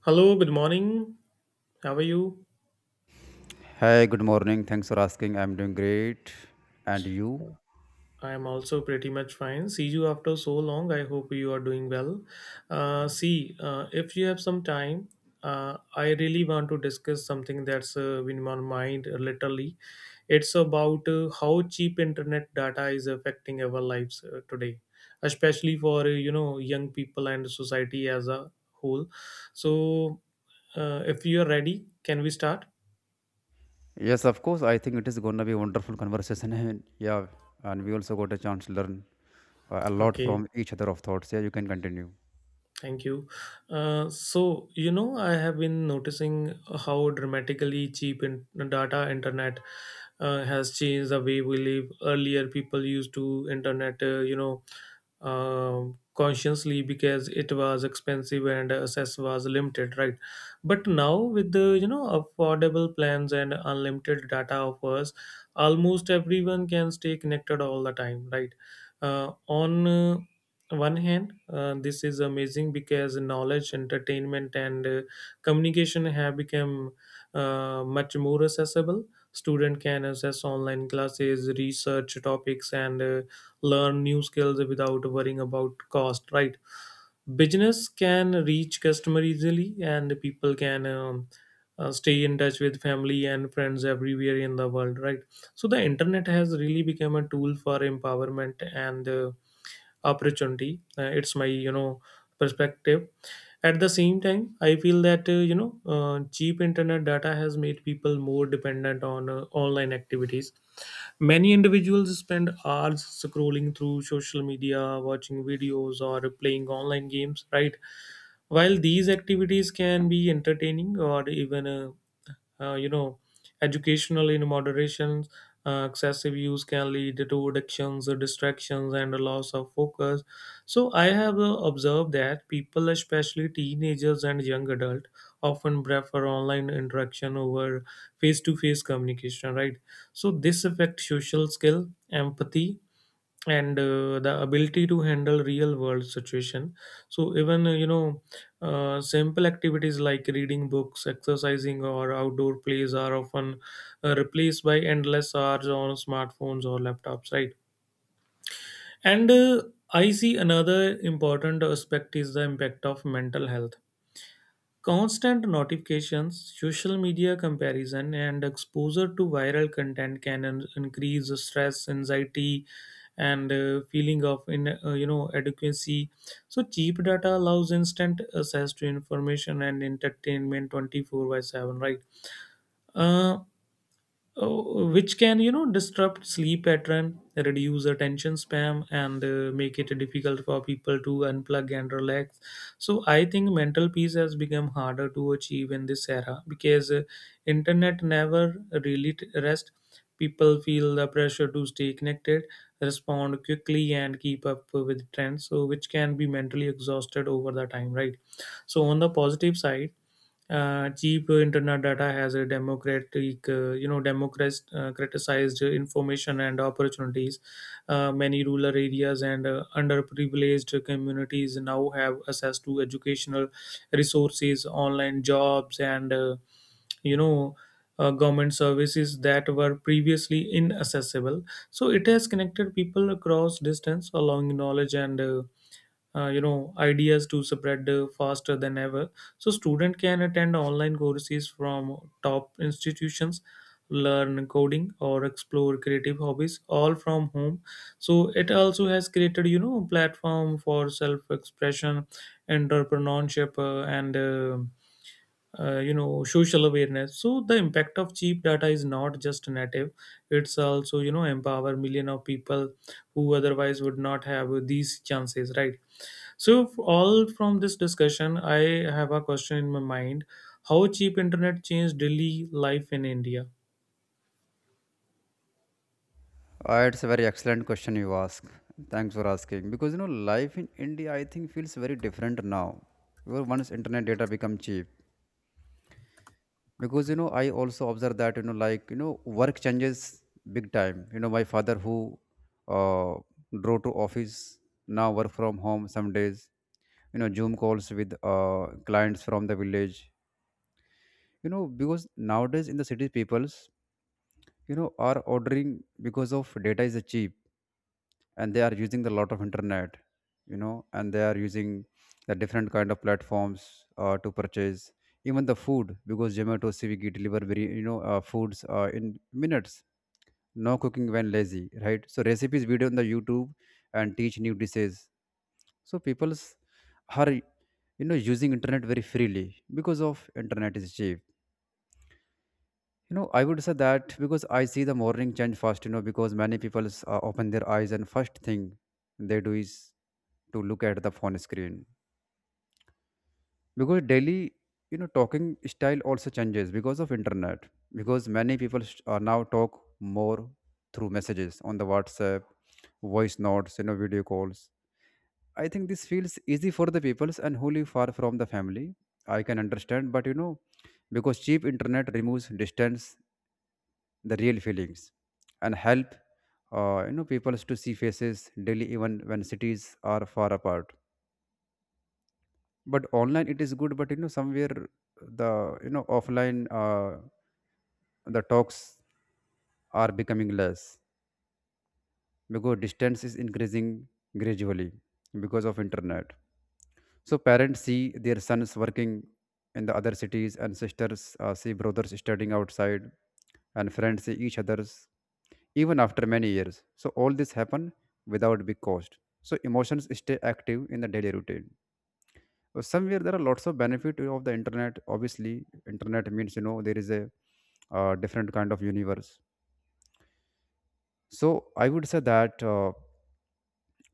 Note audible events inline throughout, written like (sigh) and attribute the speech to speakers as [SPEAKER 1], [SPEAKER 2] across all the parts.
[SPEAKER 1] Hello, good morning. How are you?
[SPEAKER 2] Hi, good morning. Thanks for asking. I'm doing great. And you?
[SPEAKER 1] I am also pretty much fine. See you after so long. I hope you are doing well. See, if you have some time, I really want to discuss something that's been on my mind literally. It's about how cheap internet data is affecting our lives today, especially for young people and society as a whole. So, if you are ready, can we start?
[SPEAKER 2] Yes, of course. I think it is going to be a wonderful conversation. (laughs) And yeah, and we also got a chance to learn a lot
[SPEAKER 1] Okay.
[SPEAKER 2] from each other of thoughts. Yeah, you can continue.
[SPEAKER 1] Thank you. I have been noticing how dramatically cheap in data internet has changed the way we live. Earlier, people used to internet, consciously because it was expensive and access was limited, right? But now, with the affordable plans and unlimited data offers, almost everyone can stay connected all the time, right? On one hand, this is amazing because knowledge, entertainment, and communication have become much more accessible. Student can access online classes, research topics, and learn new skills without worrying about cost, right? Business can reach customer easily, and people can stay in touch with family and friends everywhere in the world, right? So the internet has really become a tool for empowerment and opportunity. It's my perspective. At the same time, I feel that cheap internet data has made people more dependent on online activities. Many individuals spend hours scrolling through social media, watching videos, or playing online games, right, while these activities can be entertaining or even uh, you know educational in moderation, excessive use can lead to addictions, distractions, and a loss of focus. So I have observed that people, especially teenagers and young adult, often prefer online interaction over face to face communication, right? So this affects social skill, empathy, and the ability to handle real world situation. So even simple activities like reading books, exercising, or outdoor plays are often replaced by endless hours on smartphones or laptops, right? And I see another important aspect is the impact of mental health. Constant notifications, social media comparison, and exposure to viral content can increase stress, anxiety, and feeling of in adequacy. So cheap data allows instant access to information and entertainment twenty four by seven. Right. Uh, uh, which can disrupt sleep pattern, reduce attention span, and make it difficult for people to unplug and relax. So I think mental peace has become harder to achieve in this era because internet never really rest. People feel the pressure to stay connected, respond quickly, and keep up with trends, so which can be mentally exhausted over the time, right? So on the positive side, cheap internet data has a democratic, you know, democratized, criticized information and opportunities. Many rural areas and underprivileged communities now have access to educational resources, online jobs, and you know. Government services that were previously inaccessible. So it has connected people across distance, allowing knowledge and ideas to spread faster than ever. So student can attend online courses from top institutions, learn coding, or explore creative hobbies all from home. So it also has created platform for self expression, entrepreneurship, and social awareness. So the impact of cheap data is not just native. It's also empower million of people who otherwise would not have these chances, right? So, all from this discussion, I have a question in my mind. How cheap internet changed daily life in India?
[SPEAKER 2] It's a very excellent question you ask. Thanks for asking. Because life in India, I think feels very different now. Where once internet data become cheap, because I also observe that like work changes big time. My father who uh drove to office now work from home some days. Zoom calls with clients from the village because nowadays in the city peoples are ordering because of data is cheap, and they are using the lot of internet, and they are using the different kind of platforms to purchase even the food because Zomato Swiggy deliver very foods in minutes. No cooking when lazy, right? So recipes video on the YouTube and teach new dishes. So people's are using internet very freely because of internet is cheap. I would say that because I see the morning change fast, because many people open their eyes and first thing they do is to look at the phone screen. Because daily, talking style also changes because of internet. Because many people now talk more through messages on the WhatsApp, voice notes, video calls. I think this feels easy for the peoples and who live far from the family. I can understand, but because cheap internet removes distance, the real feelings and help people to see faces daily even when cities are far apart. But online it is good, but somewhere the offline the talks are becoming less because distance is increasing gradually because of internet. So parents see their sons working in the other cities, and sisters see brothers studying outside, and friends see each others, even after many years. So all this happen without big cost. So emotions stay active in the daily routine. Somewhere there are lots of benefit of the internet. Obviously, internet means there is a different kind of universe. So I would say that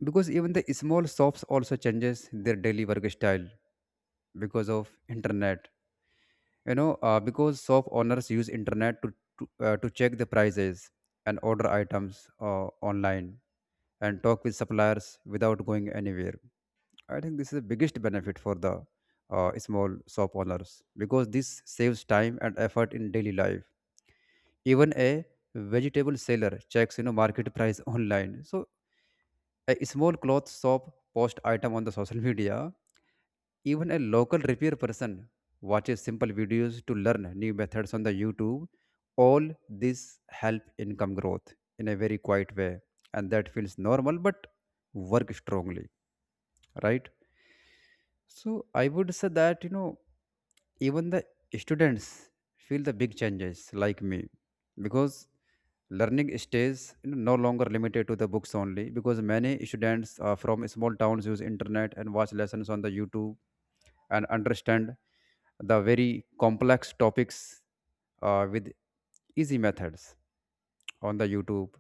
[SPEAKER 2] because even the small shops also changes their daily work style because of internet. Because shop owners use internet to check the prices and order items online and talk with suppliers without going anywhere. I think this is the biggest benefit for the small shop owners because this saves time and effort in daily life. Even a vegetable seller checks market price (laughs) online. So a small cloth shop post item on the social media. Even a local repair person watches simple videos to learn new methods on the YouTube. All this help income growth in a very quiet way, and that feels normal but work strongly, right? So I would say that even the students feel the big changes like me because learning stays no longer limited to the books only because many students from small towns use internet and watch lessons on the YouTube and understand the very complex topics with easy methods on the YouTube.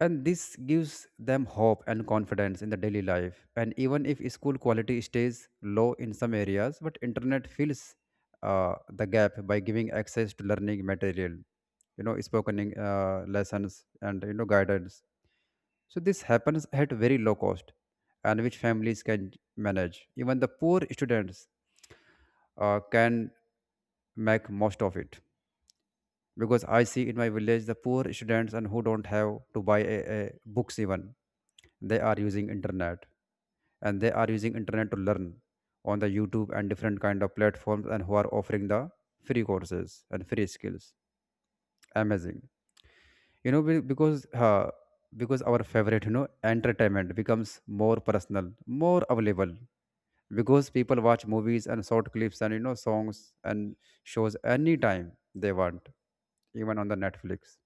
[SPEAKER 2] And this gives them hope and confidence in the daily life, and even if school quality stays low in some areas, but internet fills the gap by giving access to learning material, spoken lessons and guidance. So this happens at very low cost, and which families can manage. Even the poor students can make most of it because I see in my village the poor students and who don't have to buy a books even, they are using internet, and they are using internet to learn on the YouTube and different kind of platforms and who are offering the free courses and free skills. Amazing. You know, be- because uh, because our favorite entertainment becomes more personal, more available because people watch movies and short clips and songs and shows anytime they want, even on the Netflix.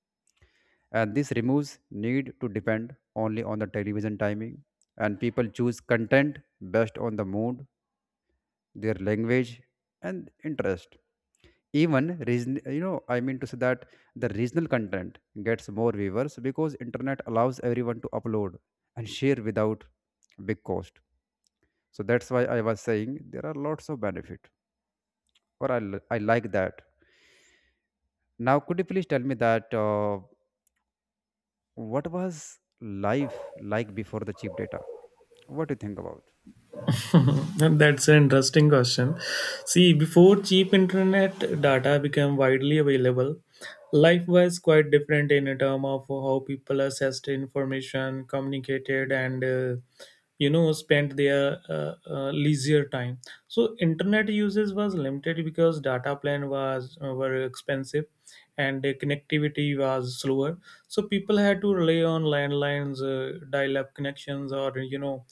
[SPEAKER 2] And this removes need to depend only on the television timing, and people choose content based on the mood, their language, and interest. Even reason, I mean to say that, the regional content gets more viewers because internet allows everyone to upload and share without big cost. So that's why I was saying there are lots of benefit. Or I like that. Now could you please tell me that, what was life like before the cheap data? What do you think about?
[SPEAKER 1] (laughs) That's an interesting question. See, before cheap internet data became widely available, life was quite different in a term of how people accessed information, communicated, and spent their leisure time. So, internet uses was limited because data plan was were expensive, and the connectivity was slower. So people had to rely on landlines, dial-up connections, or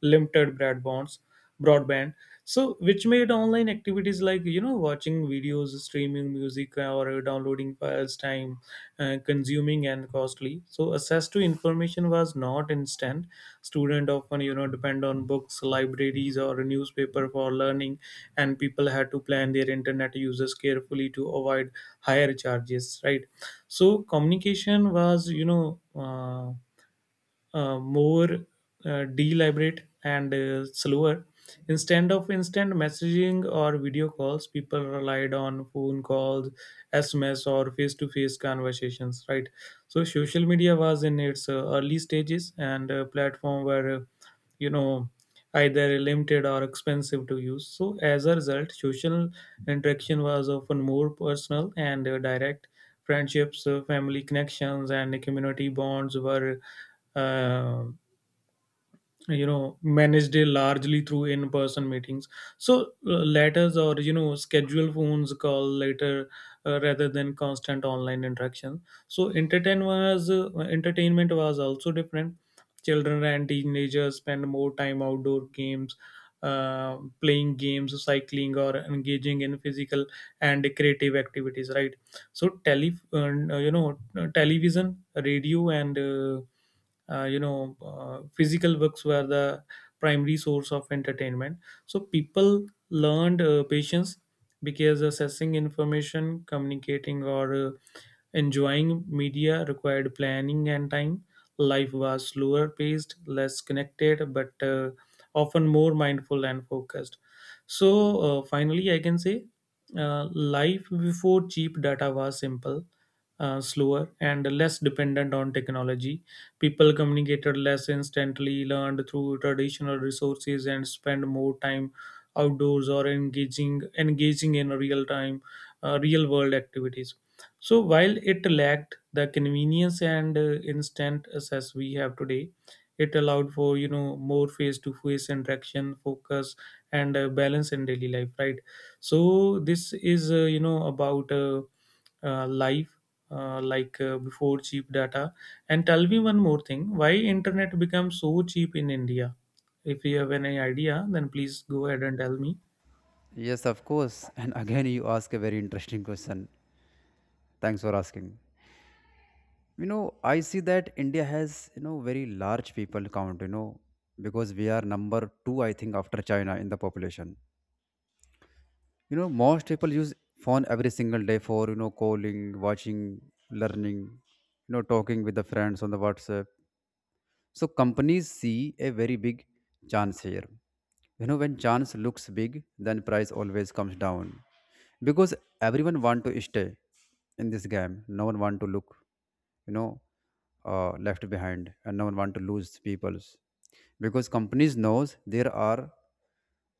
[SPEAKER 1] limited broadband. So which made online activities like watching videos, streaming music, or downloading files time consuming and costly, so access to information was not instant. Student often depend on books, libraries, or a newspaper for learning, and people had to plan their internet uses carefully to avoid higher charges, right? So communication was more deliberate and slower. Instead of instant messaging or video calls, people relied on phone calls, SMS, or face to face conversations, right? So, social media was in its early stages, and platform were, you know, either limited or expensive to use. So, as a result, social interaction was often more personal and direct. Friendships, family connections, and community bonds were uh, managed it largely through in-person meetings. So letters or schedule phones call later, rather than constant online interaction. So entertainment was also different. Children and teenagers spend more time outdoor games, playing games, cycling, or engaging in physical and creative activities, right? So television, radio, and physical books were the primary source of entertainment. So people learned patience because assessing information, communicating, or enjoying media required planning and time. Life was slower paced, less connected, but often more mindful and focused. So finally I can say, life before cheap data was simple, slower, and less dependent on technology. People communicated less instantly, learned through traditional resources, and spent more time outdoors or engaging in real world activities. So while it lacked the convenience and instant access we have today, it allowed for more face to face interaction, focus, and balance in daily life. Right. So this is about life like before cheap data, and tell me one more thing, why internet becomes so cheap in India? If you have any idea, then please go ahead and tell me.
[SPEAKER 2] Yes, of course. (laughs) And again, you ask a very interesting question. Thanks for asking. I see that India has, very large people count, because we are number two, I think, after China in the population. Most people use phone every single day for, calling, watching, learning, talking with the friends on the WhatsApp. So companies see a very big chance here. When chance looks big, then price always comes down because everyone want to stay in this game. No one want to look, you know, left behind, and no one want to lose people's because companies knows there are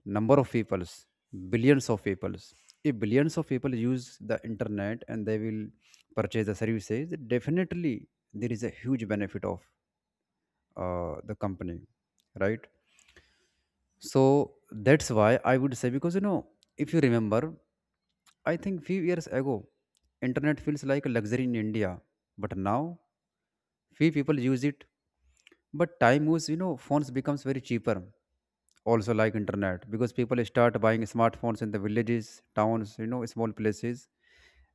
[SPEAKER 2] number of peoples, billions of peoples. If billions of people use the internet and they will purchase the services, definitely there is a huge benefit of the company, right? So that's why I would say because if you remember, I think few years ago, internet feels like a luxury in India, but now few people use it. But time moves, phones becomes very cheaper. Also like internet because people start buying smartphones in the villages, towns, small places,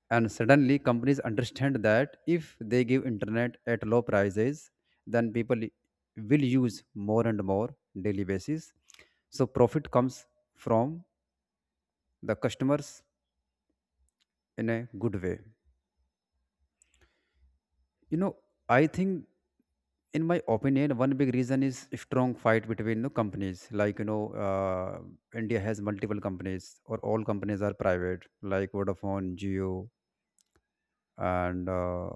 [SPEAKER 2] and suddenly companies (laughs) understand that if they give internet at low prices, then people will use more and more daily basis. So profit comes from the customers in a good way. you know I think in my opinion one big reason is strong fight between the companies, like India has multiple companies or all companies are private like Vodafone Geo and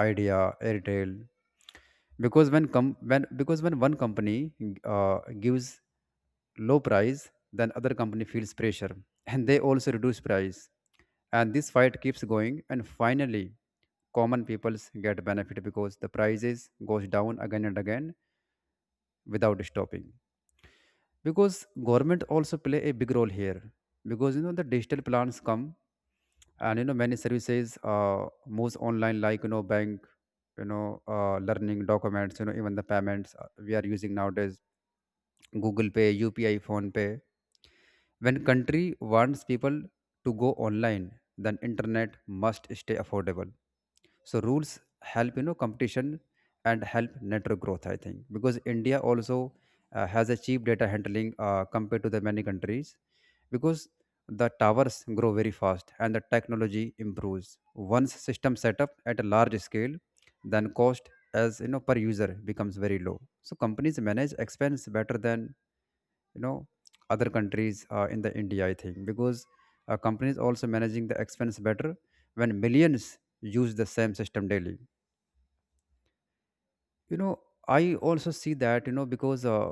[SPEAKER 2] Idea Airtel. Because when one company gives low price, then other company feels pressure (laughs) and they also reduce price. And this fight keeps going, and finally common peoples get benefit because the prices goes down again and again without stopping. Because government also play a big role here because the digital plans come, and many services moves online, like bank, learning documents, even the payments we are using nowadays Google Pay, UPI, Phone Pay. When country wants people to go online, then internet must stay affordable. So rules help competition and help network growth. I think because India also has a cheap data handling compared to the many countries because the towers grow very fast and the technology improves. Once system set up at a large scale, then cost, as per user, becomes very low. So companies manage expense better than you know other countries in the India. I think because companies also managing the expense better when millions use the same system daily you know I also see that because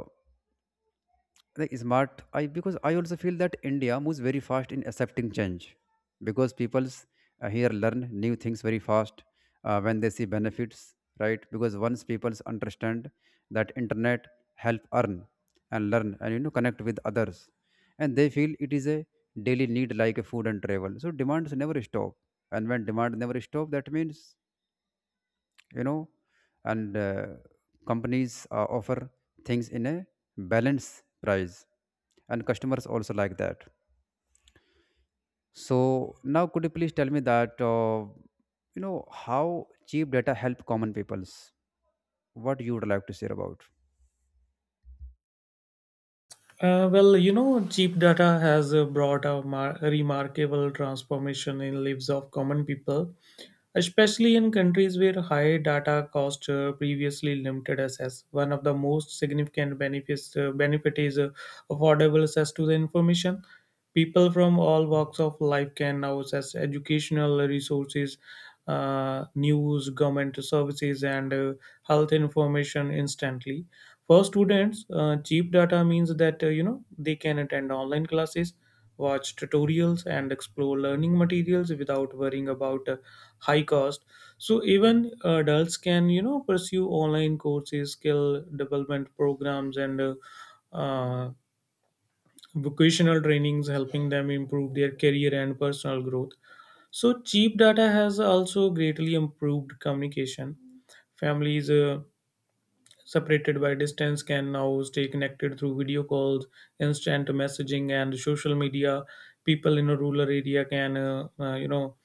[SPEAKER 2] like smart, I also feel that India moves very fast in accepting change because peoples here learn new things very fast when they see benefits, right? Because once peoples understand that internet help earn and learn and connect with others, and they feel it is a daily need like a food and travel, so demands never stop. And when demand never stop, that means, you know and companies offer things in a balanced price, and customers also like that. So now could you please tell me that, how cheap data help common peoples, what you would like to share about?
[SPEAKER 1] Well, you know, cheap data has brought a remarkable transformation in lives of common people, especially in countries where high data costs previously limited access. One of the most significant benefit is affordable access to the information. People from all walks of life can now access educational resources, news, government services, and health information instantly. For students, cheap data means that they can attend online classes, watch tutorials, and explore learning materials without worrying about high cost. So even adults can pursue online courses, skill development programs, and uh, vocational trainings, helping them improve their career and personal growth. So cheap data has also greatly improved communication. Families separated by distance can now stay connected through video calls, instant messaging, and social media. People in a rural area can, uh, uh, you know,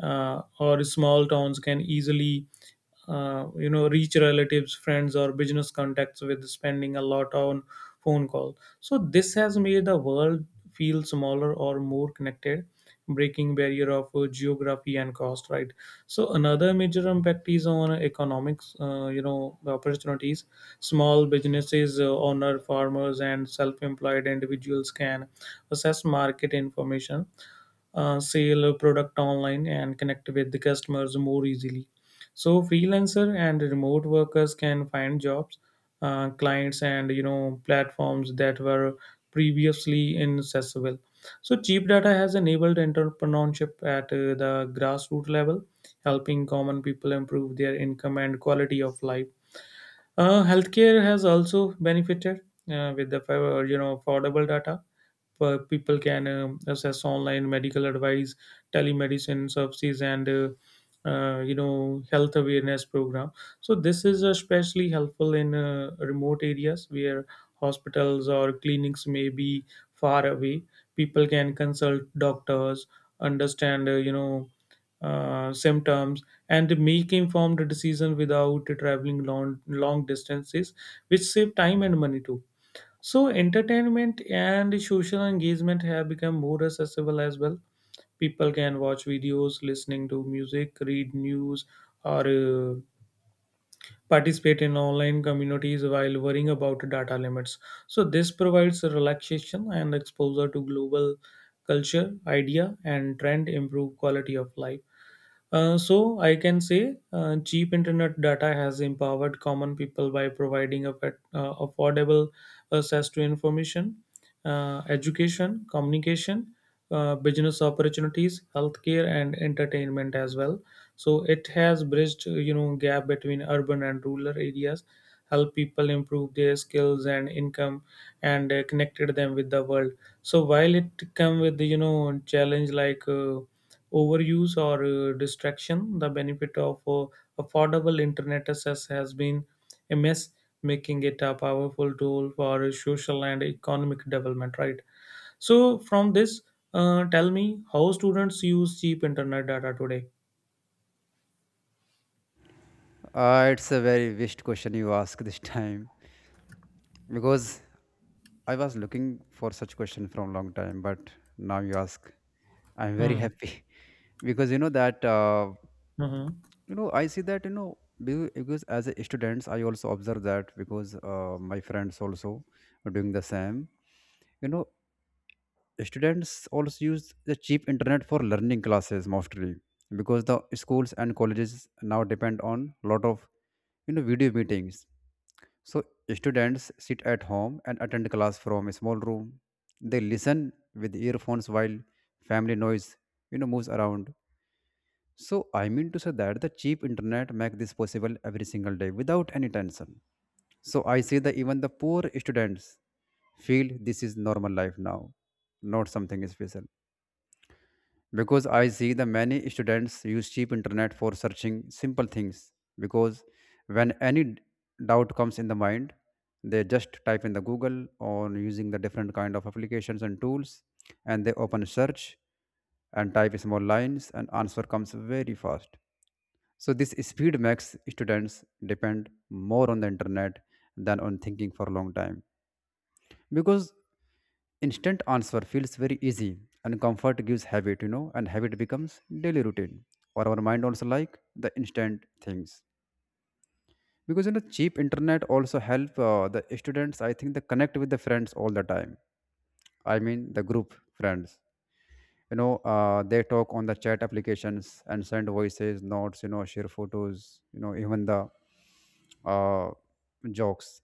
[SPEAKER 1] uh, or small towns can easily, reach relatives, friends, or business contacts with spending a lot on phone call. So this has made the world feel smaller or more connected, breaking barrier of geography and cost, right? So another major impact is on economics, the opportunities. Small businesses, owner farmers, and self-employed individuals can assess market information, sell a product online, and connect with the customers more easily. So freelancer and remote workers can find jobs, clients, and platforms that were previously inaccessible. So cheap data has enabled entrepreneurship at the grassroots level, helping common people improve their income and quality of life. Healthcare has also benefited with the affordable data. People can access online medical advice, telemedicine services, and health awareness program. So this is especially helpful in remote areas where hospitals or clinics may be far away. People can consult doctors, understand symptoms, and make informed decision without traveling long distances, which save time and money too. So entertainment and social engagement have become more accessible as well. People can watch videos, listening to music, read news, or participate in online communities while worrying about data limits. So this provides relaxation and exposure to global culture, idea, and trend, improve quality of life. So I can say, cheap internet data has empowered common people by providing affordable access to information, education, communication, business opportunities, healthcare, and entertainment as well. So it has bridged gap between urban and rural areas, helped people improve their skills and income, and connected them with the world. So while it come with challenge like overuse or distraction. The benefit of affordable internet access has been immense, making it a powerful tool for social and economic development. Right. So, from this, tell me how students use cheap internet data today.
[SPEAKER 2] It's a very wished question you ask this time because I was looking for such question from long time, but now you ask, I'm very
[SPEAKER 1] Mm.
[SPEAKER 2] happy (laughs) because that
[SPEAKER 1] Mhm.
[SPEAKER 2] I see that, because as a students I also observe that because my friends also are doing the same you know Students also use the cheap internet for learning classes mostly because the schools and colleges now depend on lot of video meetings. So students sit at home and attend class from a small room. They listen with earphones while family noise Moves around. So I mean to say that the cheap internet make this possible every single day without any tension. So I say that even the poor students feel this is normal life now, not something special. Because I see the many students use cheap internet for searching simple things. Because when doubt comes in the mind, they just type in the Google or using the different kind of applications and tools, and they open search and type small lines, and answer comes very fast. So this speed makes students depend more on the internet than on thinking for a long time, because instant answer feels very easy and comfort gives habit, and habit becomes daily routine. Or our mind also like the instant things, because you know cheap internet also help the students. I think they connect with the friends all the time. I mean the group friends, you know, they talk on the chat applications and send voices notes, you know, share photos, you know, even the uh, jokes,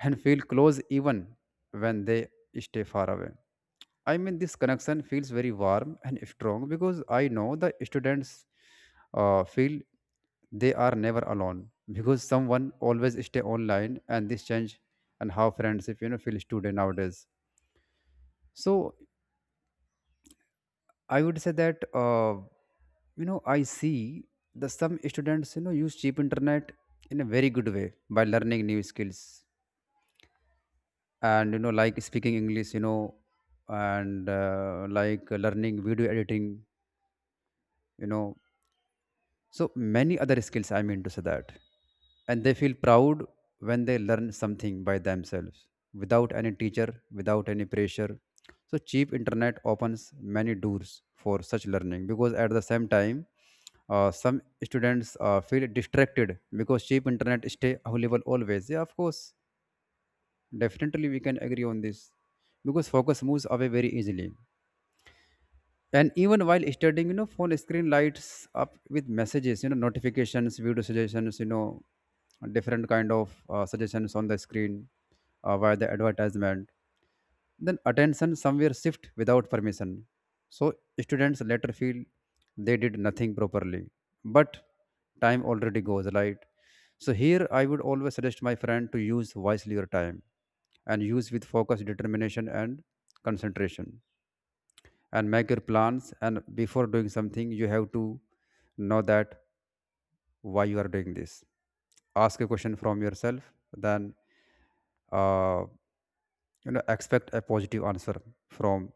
[SPEAKER 2] and feel close even when they stay far away. I mean this connection feels very warm and strong, because I know the students feel they are never alone, because someone always stay online, and this change and how friendship, you know, feel today nowadays. So I would say that, you know, I see the some students, you know, use cheap internet in a very good way by learning new skills, and you know, like speaking English, you know, and like learning video editing, you know. So many other skills, I mean to say that. And they feel proud when they learn something by themselves, without any teacher, without any pressure. So cheap internet opens many doors for such learning, because at the same time, some students feel distracted because cheap internet stay available always. Yeah, of course, definitely we can agree on this, because focus moves away very easily, and even while studying, you know, phone screen lights up with messages, you know, notifications, video suggestions, you know, different kind of suggestions on the screen, via the advertisement, then attention somewhere shift without permission. So students later feel they did nothing properly, but time already goes, right? So here I would always suggest my friend to use wisely your time, and use with focus, determination and concentration, and make your plans, and before doing something you have to know that why you are doing this. Ask a question from yourself, then uh, you know, expect a positive answer from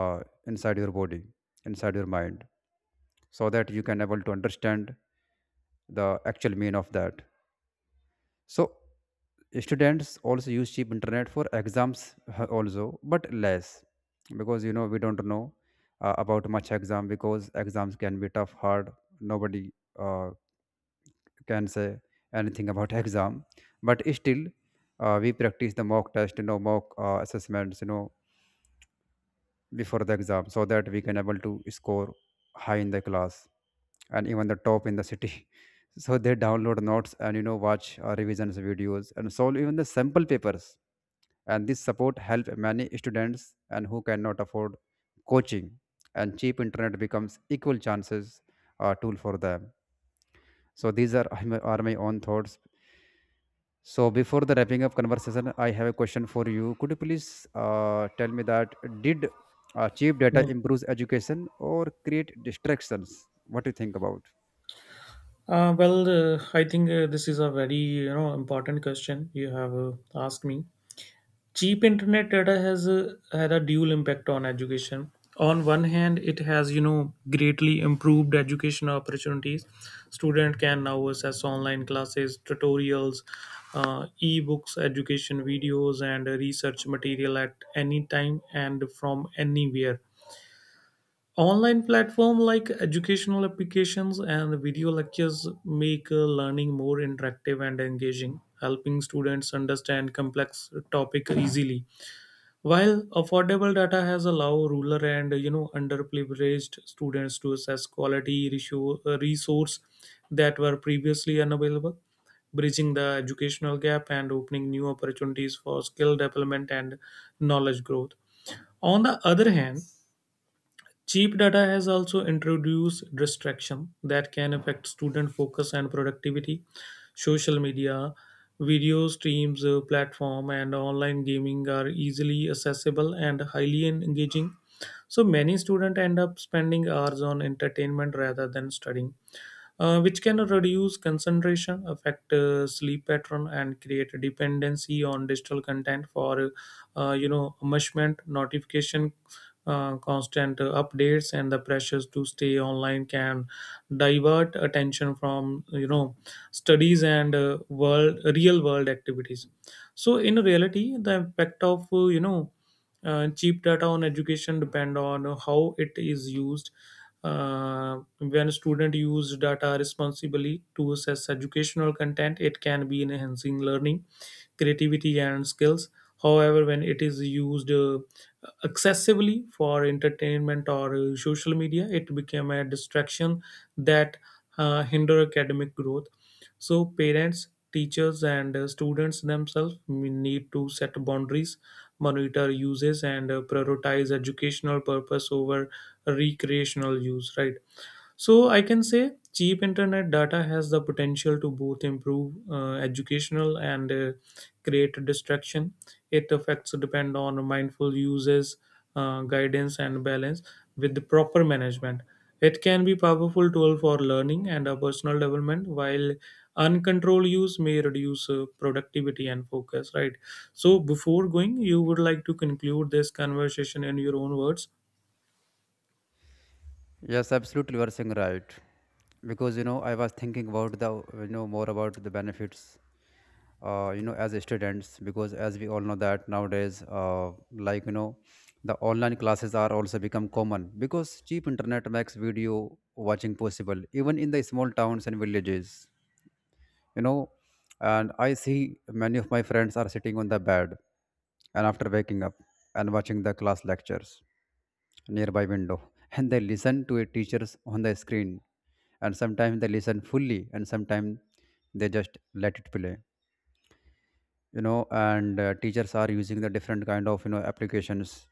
[SPEAKER 2] uh, inside your body, inside your mind, so that you can able to understand the actual mean of that. So students also use cheap internet for also, but less, because you know we don't know about much exam, because exams can be tough, hard. Nobody uh, can say anything about (laughs) exam. But still, we practice the mock test, you know, mock assessments, you know, before the exam, so that we can able to score high in the class, and even the top in the city. (laughs) So they download notes, and you know, watch revisions videos and solve even the sample papers, and this support help many students and who cannot afford coaching, and cheap internet becomes equal chances tool for them. So these are my are my own thoughts. So before the wrapping up conversation I have a question for you. Could you please tell me that did cheap data
[SPEAKER 1] Mm.
[SPEAKER 2] improves education or create distractions, what do you think about?
[SPEAKER 1] Well, I think this is a very important question you have asked me. Cheap internet data has had a dual impact on education. On one hand, it has greatly improved education opportunities. Student can now access online classes, tutorials, e-books, education videos, and research material at any time and from anywhere. Online platform like educational applications and video lectures make learning more interactive and engaging, helping students understand complex topic easily, while affordable data has allow rural and underprivileged students to access quality resource that were previously unavailable, bridging the educational gap and opening new opportunities for skill development and knowledge growth. On the other hand, cheap data has also introduced distraction that can affect student focus and productivity. Social media, video streams, platform, and online gaming are easily accessible and highly engaging. So many students end up spending hours on entertainment rather than studying, which can reduce concentration, affect sleep pattern, and create a dependency on digital content for amusement, notification, constant updates, and the pressures to stay online can divert attention from studies and world real world activities. So in reality, the impact of cheap data on education depend on how it is used. When student use data responsibly to assess educational content, it can be enhancing learning, creativity, and skills. However, when it is used excessively for entertainment or social media, it became a distraction that hinder academic growth. So parents, teachers, and students themselves need to set boundaries, monitor uses, and prioritize educational purpose over recreational use, right? So I can say cheap internet data has the potential to both improve educational and create distraction. It affects depend on mindful uses, guidance, and balance with the proper management. It can be powerful tool for learning and personal development, while uncontrolled use may reduce productivity and focus, right? So before going, you would like to conclude this conversation in your own words.
[SPEAKER 2] Yes, absolutely, you are saying right. Because you know I was thinking about the, you know, more about the benefits, you know, as students, because as we all know that nowadays, like you know, the online classes are also become common, because cheap internet makes video watching possible even in the small towns and villages, you know. And I see many of my friends are sitting on the bed and after waking up and watching the class lectures nearby window. (laughs) And they listen to a teachers on the screen, and sometimes they listen fully, and sometimes they just let it play, you know. And teachers are using the different kind of, you know, applications,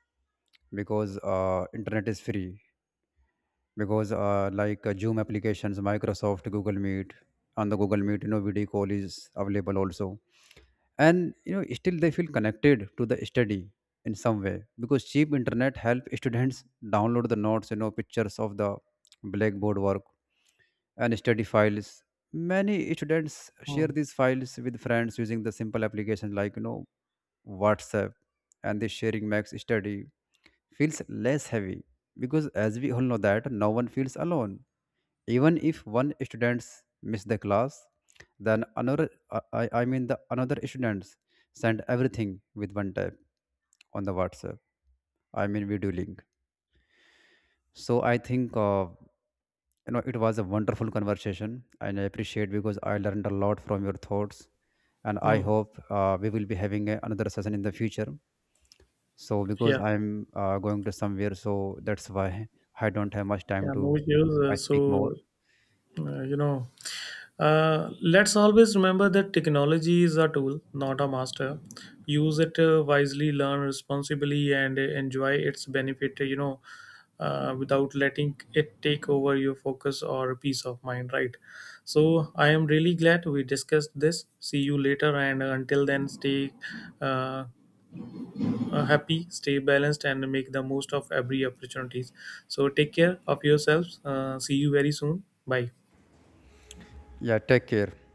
[SPEAKER 2] because internet is free, because like zoom applications, microsoft google meet. On the google meet, you know, video call is available also. And you know still they feel connected to the study in some way, because cheap internet help students download the notes, you know, pictures of the blackboard work and study files. Many students
[SPEAKER 1] Hmm.
[SPEAKER 2] share these files with friends using the simple application like, you know, WhatsApp, and the sharing makes study feels less heavy, because as we all know that no one feels alone. Even if one students miss the class, then another I mean the another students send everything with one tap on the WhatsApp. I mean video link. So I think, you know, it was a wonderful conversation, and I appreciate because I learned a lot from your thoughts. And I
[SPEAKER 1] Hmm.
[SPEAKER 2] hope we will be having another session in the future. So because
[SPEAKER 1] Yeah.
[SPEAKER 2] I'm going to somewhere, so that's why I don't have much time
[SPEAKER 1] Yeah, no
[SPEAKER 2] to
[SPEAKER 1] issues.
[SPEAKER 2] I speak more.
[SPEAKER 1] Uh, you know, let's always remember that technology is a tool, not a master. Use it wisely, learn responsibly, and enjoy its benefit, without letting it take over your focus or peace of mind, right? So, I am really glad we discussed this. See you later, and until then, stay uh, happy, stay balanced, and make the most of every opportunities. So take care of yourselves. See you very soon. Bye.
[SPEAKER 2] Yeah, take care.